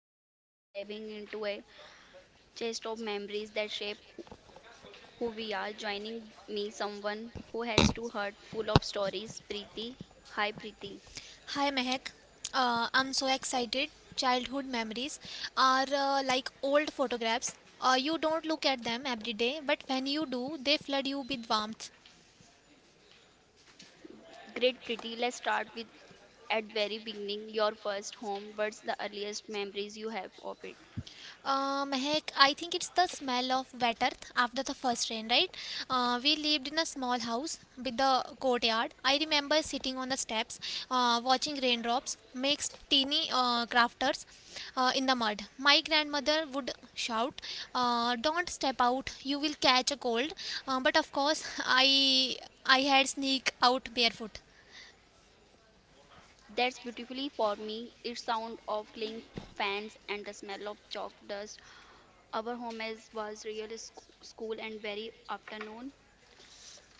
and today we are diving into a chest of memories that shape who we are. Joining me, someone who has two hearts full of stories, Preeti. Hi, Preeti. Hi Mehak, I'm so excited. Childhood memories are like old photographs. You don't look at them every day, but when you do, they flood you with warmth. Great, Preeti. Let's start with at very beginning your first home. What's the earliest memories you have of it? Mehak, I think it's the smell of wet earth after the first rain, right? We lived in a small house with a courtyard. I remember sitting on the steps, watching raindrops make teeny crafters in the mud. My grandmother would shout, "Don't step out, you will catch a cold." But of course, I had sneak out barefoot. That's beautifully for me. It's sound of cling fans and the smell of chalk dust. Our home is was real school and very afternoon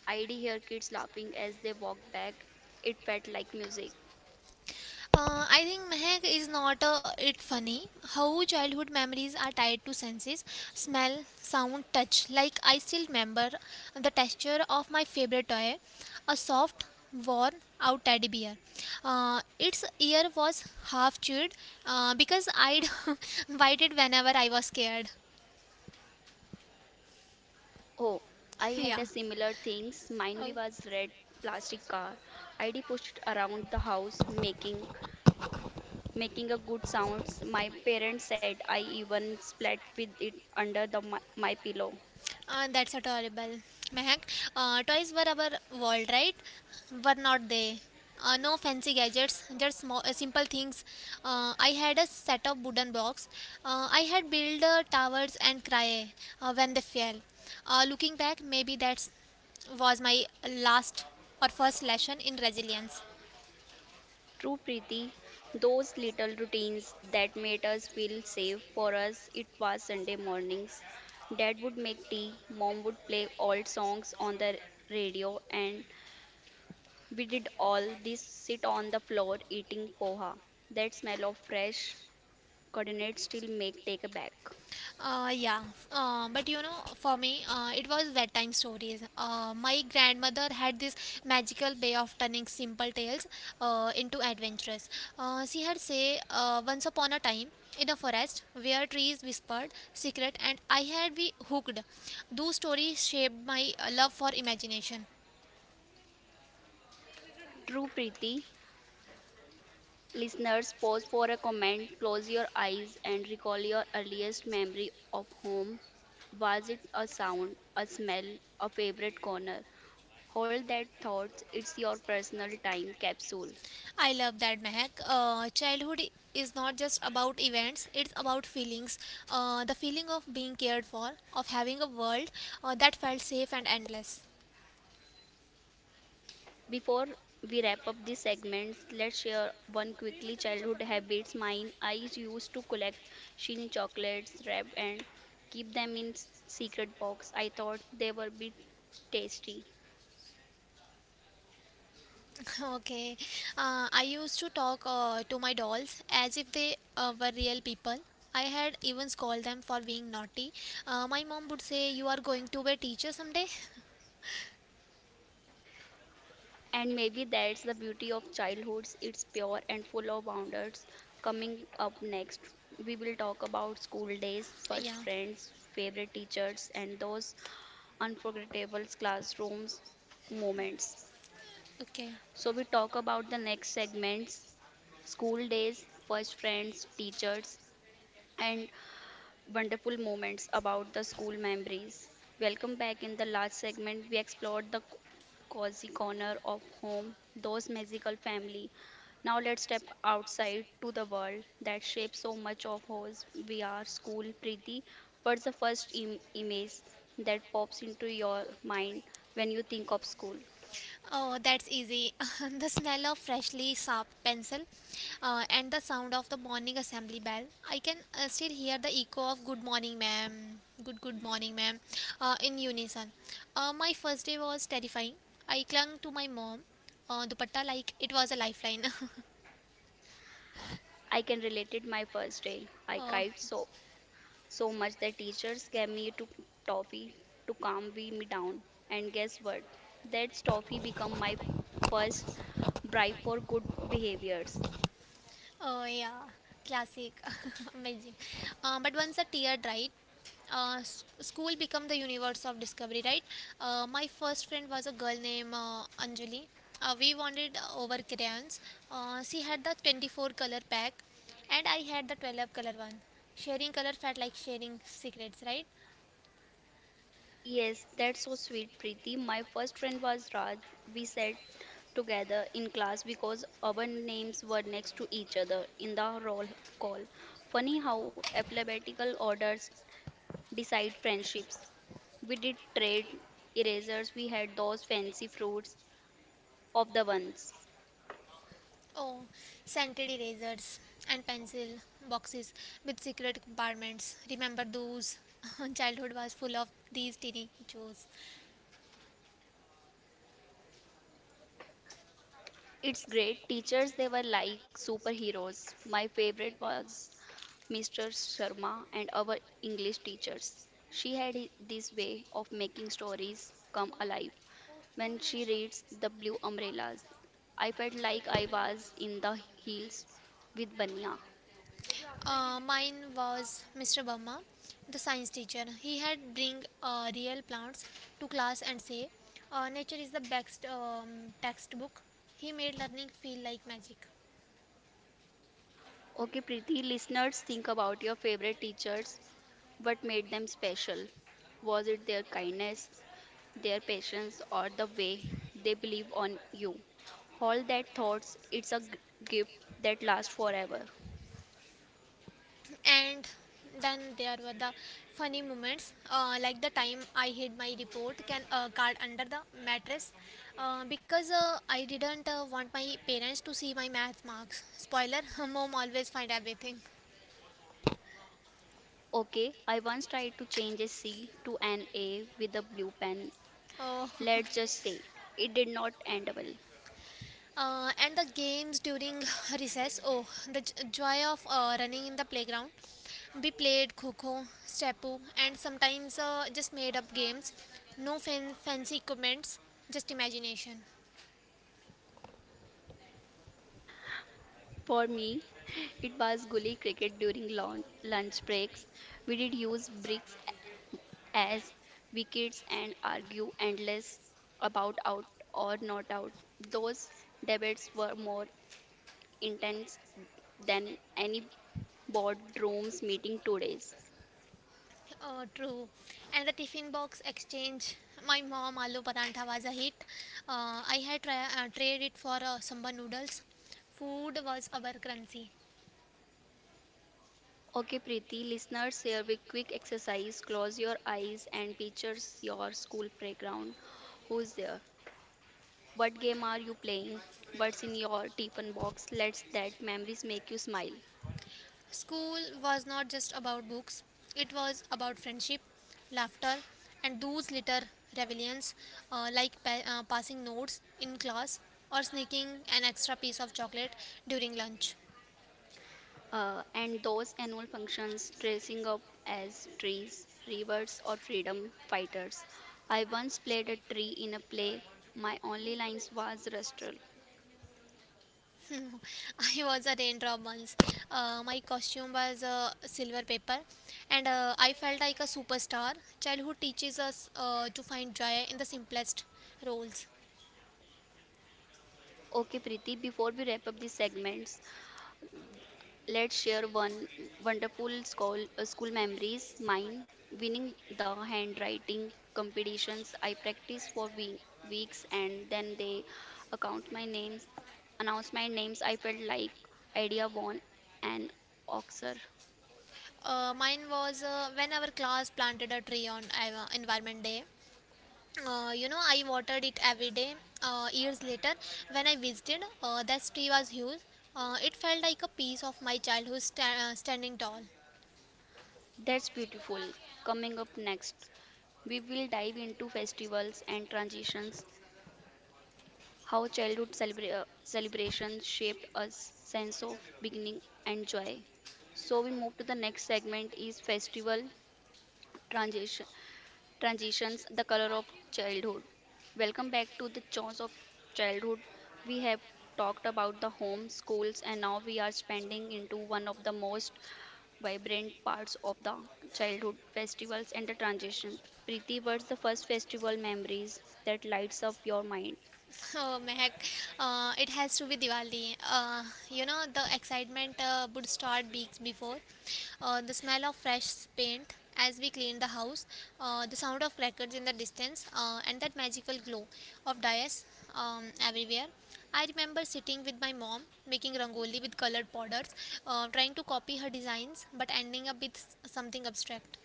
I'd hear kids laughing as they walked back. It felt like music. I think Mehak is not it funny how childhood memories are tied to senses smell, sound, touch. Like, I still remember the texture of my favorite toy a soft, worn out teddy bear. Its ear was half chewed because I'd bite it whenever I was scared. Oh, I had Yeah. a similar things. Mine we was red plastic car. I'd pushed around the house making a good sounds. My parents said I even splat with it under the my pillow. That's adorable. Mehak, toys were our world, right? Were not they? No fancy gadgets, just small, simple things. I had a set of wooden blocks. I had built towers and cry when they fell. Looking back, maybe that was my last or first lesson in resilience. True Preeti, those little routines that made us feel safe for us, it was Sunday mornings. Dad would make tea, mom would play old songs on the radio, and we did all this sit on the floor eating poha. That smell of fresh coordinates still make take a back. Yeah, but you know, for me, it was bedtime stories. My grandmother had this magical way of turning simple tales into adventures. She had say, once upon a time in a forest where trees whispered secret, and I had be hooked. Those stories shaped my love for imagination. True Preeti, listeners, pause for a comment, close your eyes, and recall your earliest memory of home. Was it a sound, a smell, a favorite corner? Hold that thought, it's your personal time capsule. I love that, Mehak. Childhood is not just about events, it's about feelings. The feeling of being cared for, of having a world that felt safe and endless. Before we wrap up these segments, let's share one quickly childhood habits. Mine, I used to collect shiny chocolates, wrap and keep them in secret box. I thought they were bit tasty. Okay. I used to talk to my dolls as if they were real people. I had even scolded them for being naughty. My mom would say, you are going to be a teacher someday? And maybe that's the beauty of childhoods. It's pure and full of wonders. Coming up next, we will talk about school days, first Yeah, friends, favorite teachers, and those unforgettable classrooms moments. okay. So we talk about the next segments, school days, first friends, teachers, and wonderful moments about the school memories. Welcome back in the last segment. We explored the cozy corner of home, those magical family. Now let's step outside to the world that shapes so much of us. We are school, Preeti. What's the first image that pops into your mind when you think of school? Oh, that's easy. The smell of freshly sharpened pencil and the sound of the morning assembly bell. I can still hear the echo of good morning, ma'am. Good morning, ma'am, in unison. My first day was terrifying. I clung to my mom, dupatta, like it was a lifeline. I can relate it my first day. I Oh, cried so much that teachers gave me to toffee to calm me down. And guess what? That toffee become my first bribe for good behaviors. oh yeah, classic, amazing. But once a tear dried, school become the universe of discovery, right? My first friend was a girl named Anjali. We wanted over crayons. She had the 24 color pack, and I had the 12 color one. Sharing color felt like sharing secrets, right? Yes, that's so sweet, Preeti. My first friend was Raj. We sat together in class because our names were next to each other in the roll call. Funny how alphabetical orders decide friendships. We did trade erasers, we had those fancy fruits of the ones. Oh, scented erasers and pencil boxes with secret compartments. Remember those? Childhood was full of these tiny joys. It's great. Teachers, they were like superheroes. My favorite was Mr. Sharma and our English teachers. She had this way of making stories come alive. When she reads The Blue Umbrellas, I felt like I was in the hills with Banya. Mine was Mr. Burma, the science teacher. He had bring real plants to class and say, "Nature is the best textbook." He made learning feel like magic. Okay, Preeti, listeners, think about your favorite teachers. What made them special? Was it their kindness, their patience, or the way they believe on you? All that thoughts, it's a gift that lasts forever. And then there were the funny moments, like the time I hid my report can card under the mattress because I didn't want my parents to see my math marks. Spoiler: mom always find everything. Okay, I once tried to change a C to an A with a blue pen. Oh. Let's just say it did not end well. And the games during recess. Oh, the joy of running in the playground. We played kho, stepu, and sometimes just made up games. No fancy equipments, just imagination. For me, it was gully cricket during lunch breaks. We did use bricks as we kids and argue endless about out or not out. Those debates were more intense than any boardrooms meeting today's. Oh, true. And the tiffin box exchange. My mom aloo parantha was a hit. I traded it for samba noodles. Food was our currency. Okay, Preeti, listeners, here with quick exercise. Close your eyes and picture your school playground. Who's there? What game are you playing? What's in your tiffin box? Let's that memories make you smile. School was not just about books, it was about friendship, laughter, and those little rebellions like passing notes in class or sneaking an extra piece of chocolate during lunch. And those annual functions dressing up as trees, rebirths, or freedom fighters. I once played a tree in a play. My only lines was rustral. I was a raindrop once. My costume was silver paper, and I felt like a superstar. Childhood teaches us to find joy in the simplest roles. Okay, Preeti, before we wrap up these segments, let's share one wonderful school, school memories. Mine, winning the handwriting competitions. I practiced for weeks and then they account my names, announce my names. I felt like idea won an Oxer. Mine was when our class planted a tree on Environment Day, you know, I watered it every day. Years later, when I visited, that tree was huge. It felt like a piece of my childhood standing tall. That's beautiful. Coming up next, we will dive into festivals and transitions, how childhood celebrations shaped us sense of beginning and joy. So we move to the next segment is festival transition transitions, the color of childhood. Welcome back to the chores of childhood. We have talked about the home, schools, and now we are spending into one of the most vibrant parts of the childhood festivals and the transition. Preeti, what's the first festival memories that lights up your mind? Oh Mehak, it has to be Diwali. You know, the excitement would start weeks before. The smell of fresh paint as we clean the house, the sound of crackers in the distance, and that magical glow of dyes everywhere. I remember sitting with my mom making rangoli with colored powders, trying to copy her designs, but ending up with something abstract.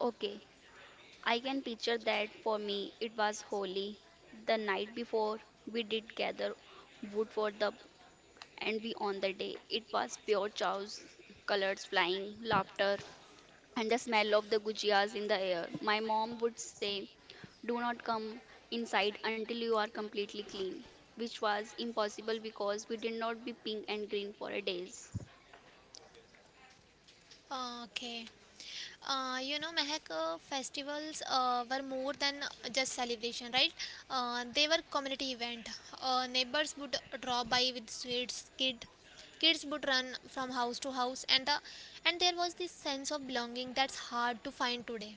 Okay, I can picture that for me it was holy. The night before we did gather wood for the and we on the day. It was pure chaos, colors flying, laughter, and the smell of the gujias in the air. My mom would say, do not come inside until you are completely clean, which was impossible because we did not be pink and green for a days. Ah, okay. You know, Mehak, festivals were more than just celebration, right? They were community event. Neighbors would drop by with sweets. Kids would run from house to house, and there was this sense of belonging that's hard to find today,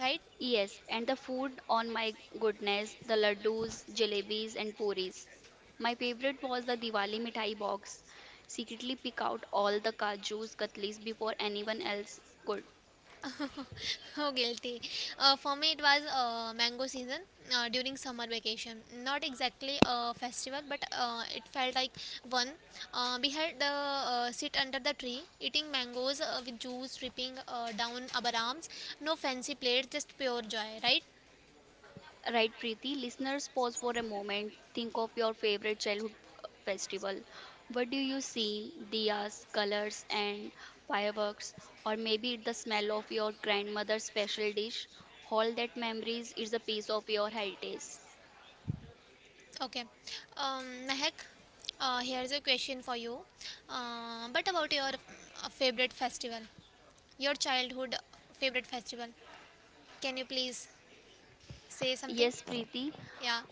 right? Yes, and the food, on my goodness, the laddus, jalebis, and puris. My favorite was the Diwali mithai box. Secretly pick out all the kajus, katlis before anyone else could. Oh, guilty. For me, it was mango season during summer vacation. Not exactly a festival, but it felt like one. We had the sit under the tree, eating mangoes with juice dripping down our arms. No fancy plate, just pure joy, right? Right, Preeti. Listeners, pause for a moment. Think of your favorite childhood festival. What do you see? Diyas, colors, and fireworks, or maybe the smell of your grandmother's special dish. All that memories is a piece of your heritage. Okay. Mehak, here's a question for you. But about your favorite festival, your childhood favorite festival. Can you please? Say something? Yes, Preeti, Yeah.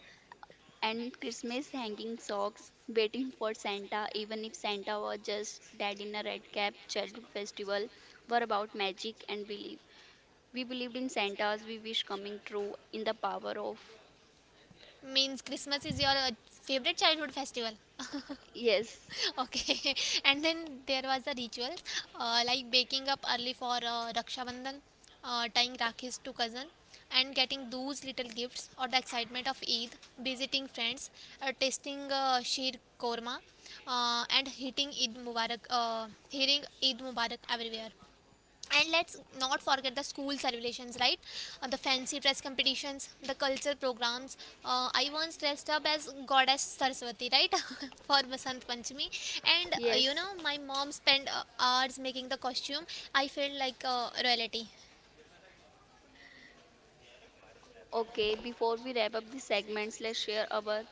and Christmas hanging socks, waiting for Santa, even if Santa was just dad in a red cap, childhood festival were about magic and belief. We believed in Santas, we wish coming true in the power of. Means Christmas is your favorite childhood festival. Yes, Okay. And then there was the rituals like waking up early for Raksha Bandhan, tying Rakhis to cousin, and getting those little gifts or the excitement of Eid, visiting friends, tasting sheer korma, and hitting Eid Mubarak, hearing Eid Mubarak everywhere. And let's not forget the school celebrations, right? The fancy dress competitions, the culture programs. I once dressed up as goddess Saraswati, right? For Basant Panchami, and you yes. know, my mom spent hours making the costume. I felt like royalty. Okay, before we wrap up the segments, let's share our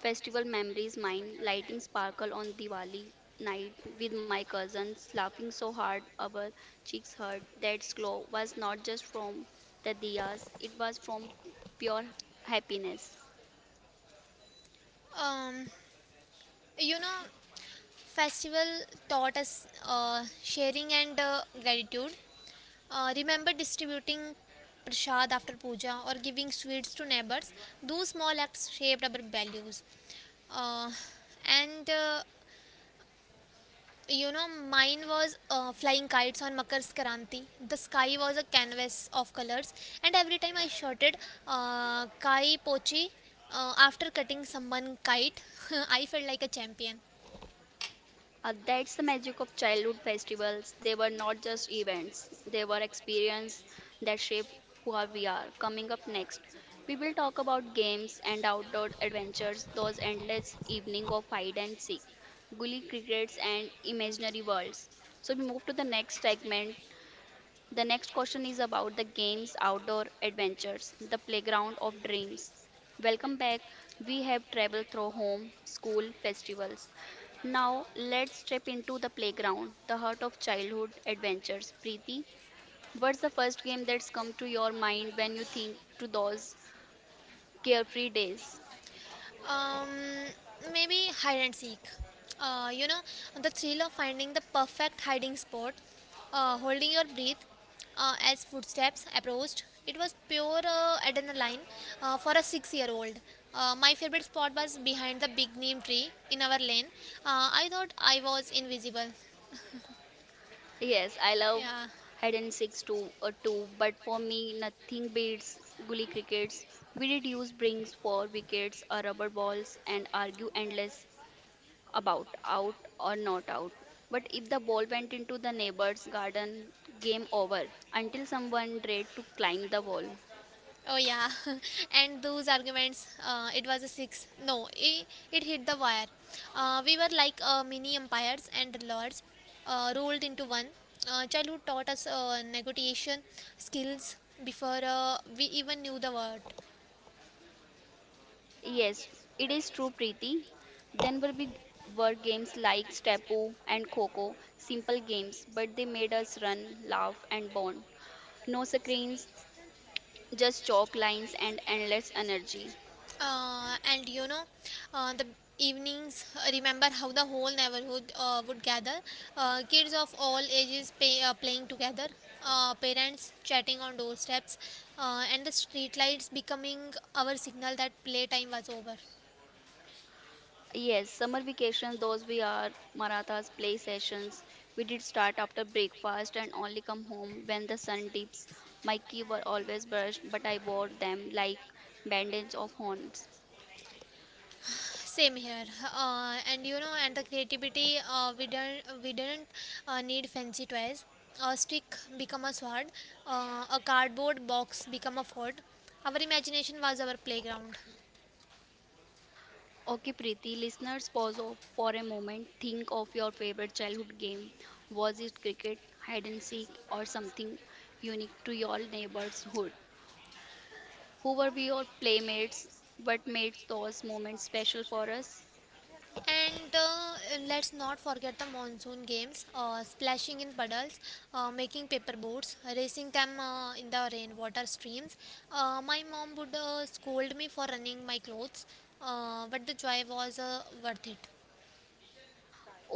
festival memories. Mine, lighting sparkle on Diwali night with my cousins, laughing so hard our cheeks hurt. That glow was not just from the diyas, it was from pure happiness. um, you know, festival taught us sharing and gratitude. Remember distributing prasad after puja or giving sweets to neighbors. Those small acts shaped our values. Uh, and you know, mine was flying kites on Makar Sankranti. The sky was a canvas of colors, and every time I shouted "Kai Pochi" after cutting someone kite, I felt like a champion. That's the magic of childhood festivals. They were not just events, they were experiences that shape who are we are. Coming up next, we will talk about games and outdoor adventures, those endless evening of hide and seek, gully crickets and imaginary worlds. So we move to the next segment the next question is about the games, outdoor adventures, the playground of dreams. Welcome back. We have traveled through home, school, festivals. Now let's step into the playground, the heart of childhood adventures. Preeti, what's the first game that's come to your mind when you think to those carefree days? Um, maybe hide and seek. You know, the thrill of finding the perfect hiding spot, holding your breath as footsteps approached. It was pure adrenaline for a six-year-old. My favorite spot was behind the big neem tree in our lane. I thought I was invisible. Yes, I love Yeah. hide and seeks too, but for me, nothing beats gully crickets. We did use brings for wickets or rubber balls and argue endless about out or not out. But if the ball went into the neighbor's garden, game over until someone tried to climb the wall. Oh yeah, and those arguments. It was a six. No, it hit the wire. We were like mini empires and lords, rolled into one. Childhood taught us negotiation skills before we even knew the word. Yes, it is true, Preeti. Then were big were games like Stapu and Coco, simple games, but they made us run, laugh, and bond. No screens, just chalk lines and endless energy. And you know, the evenings, remember how the whole neighborhood would gather, kids of all ages playing together, parents chatting on doorsteps, and the street lights becoming our signal that playtime was over. Yes, summer vacation, those we are Marathas play sessions. We did start after breakfast and only come home when the sun dips. My key were always brushed, but I wore them like bandage of horns. Same here. And you know, and the creativity, we didn't need fancy toys. A stick become a sword, a cardboard box become a fort. Our imagination was our playground. Okay, Preeti, listeners, pause for a moment. Think of your favorite childhood game. Was it cricket, hide and seek, or something unique to your neighborhood? Who were we your playmates? What made those moments special for us? And let's not forget the monsoon games, splashing in puddles, making paper boats, racing them in the rainwater streams. My mom would scold me for running my clothes, but the joy was worth it.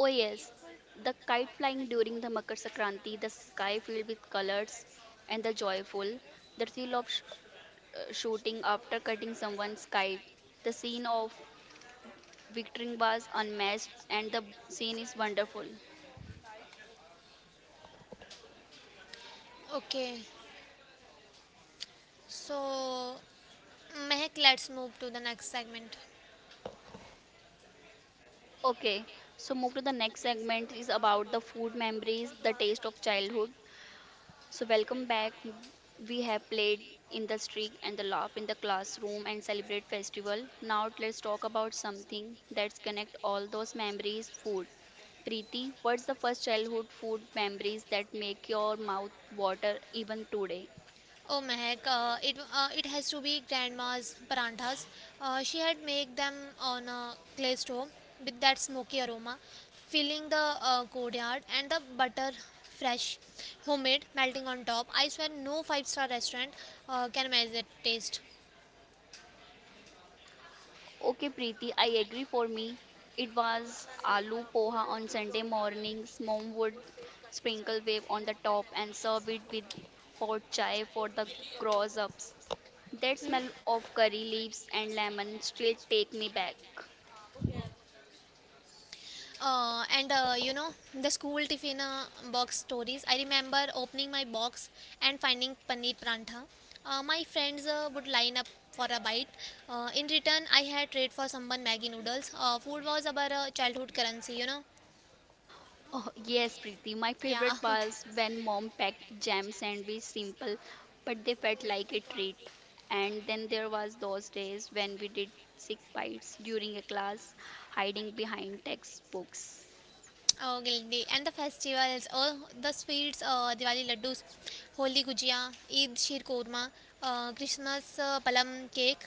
Oh yes, the kite flying during the Makar Sankranti, the sky filled with colors and the joyful, the thrill of shooting after cutting someone's kite, the scene of victory was unmatched and the scene is wonderful. Okay, so Mehak, let's move to the next segment. Okay, so move to the next segment is about the food memories, the taste of childhood. So, welcome back. We have played in the street and the laugh in the classroom and celebrate festival. Now, let's talk about something that's connect all those memories food. Preeti, what's the first childhood food memories that make your mouth water even today? Oh Mehak, it has to be grandma's paranthas. She had made them on a clay stove with that smoky aroma, filling the courtyard and the butter fresh, homemade, melting on top. I swear no five-star restaurant can match that taste. Okay, Preeti, I agree for me. It was aloo poha on Sunday mornings. Mom would sprinkle wave on the top and serve it with hot chai for the grown ups. That smell of curry leaves and lemon still take me back. And you know, the school tiffin box stories. I remember opening my box and finding paneer prantha. My friends would line up for a bite. In return, I had trade for someone Maggie noodles. Food was our childhood currency, you know. Oh, yes, Preeti. My Yeah. favorite was when mom packed jam sandwich simple, but they felt like a treat. And then there was those days when we did sick bites during a class, hiding behind textbooks. Oh, Gildi. And the festivals, oh, the sweets, Diwali laddus, Holi gujia, Eid sheer korma, Christmas palam cake,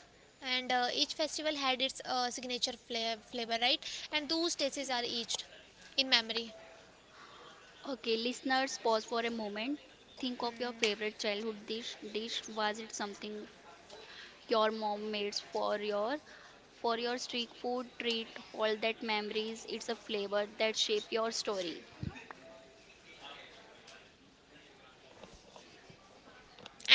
and each festival had its signature flavor, right? And those tastes are aged in memory. Okay, listeners, pause for a moment. Think of your favorite childhood dish. Dish was it something your mom made for your street food treat? All that memories. It's a flavor that shape your story.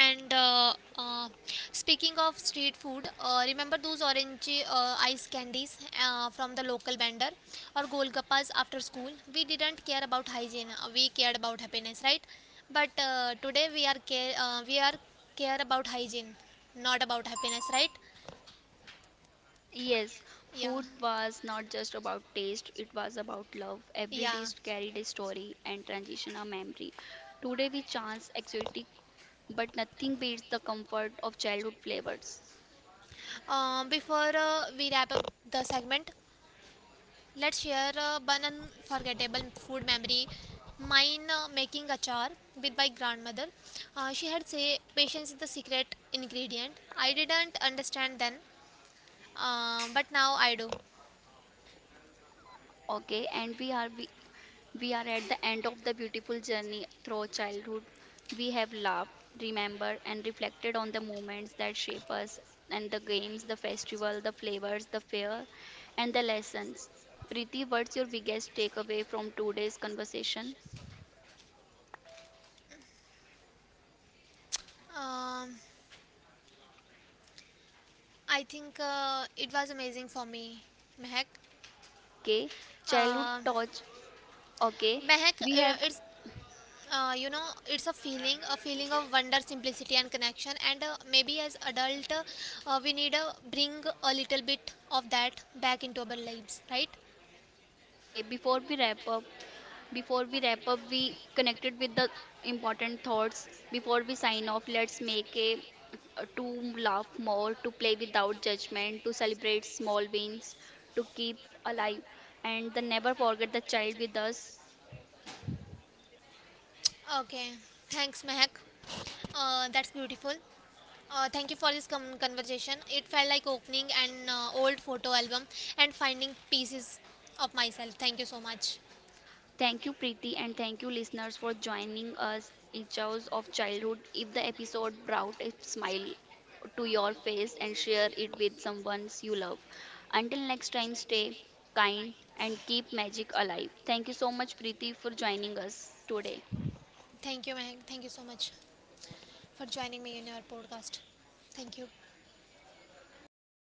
And Speaking of street food, remember those orange ice candies from the local vendor or golgappas after school? We didn't care about hygiene. We cared about happiness, right? But today we are care about hygiene, not about happiness, right? Yes, Yeah. food was not just about taste, it was about love. Every Yeah. dish carried a story and transition a memory. Today we chance exotic, but nothing beats the comfort of childhood flavors. Before we wrap up the segment, let's share one unforgettable food memory. Mine, making achar with my grandmother. She had say patience is the secret ingredient. I didn't understand then, but now I do. Okay, and we are at the end of the beautiful journey through childhood. We have laughed, remembered, and reflected on the moments that shape us and the games, the festival, the flavors, the fare, and the lessons. Preeti, what's your biggest takeaway from today's conversation? Um, I think it was amazing for me, Mehak. Okay, childhood Uh, touch. Okay, Mehak, we have. it's you know, it's a feeling, a feeling of wonder, simplicity and connection, and maybe as adult, we need to bring a little bit of that back into our lives, right? Okay, Before we wrap up, we connected with the important thoughts. Before we sign off, let's make a to laugh more, to play without judgment, to celebrate small wins, to keep alive, and then never forget the child with us. Okay, thanks Mehak. That's beautiful. Thank you for this conversation. It felt like opening an old photo album and finding pieces of myself. Thank you so much. Thank you, Preeti, and thank you, listeners, for joining us echoes of childhood. If the episode brought a smile to your face and share it with someone you love. Until next time, stay kind and keep magic alive. Thank you so much, Preeti, for joining us today. Thank you Mehak, thank you so much for joining me in your podcast. Thank you.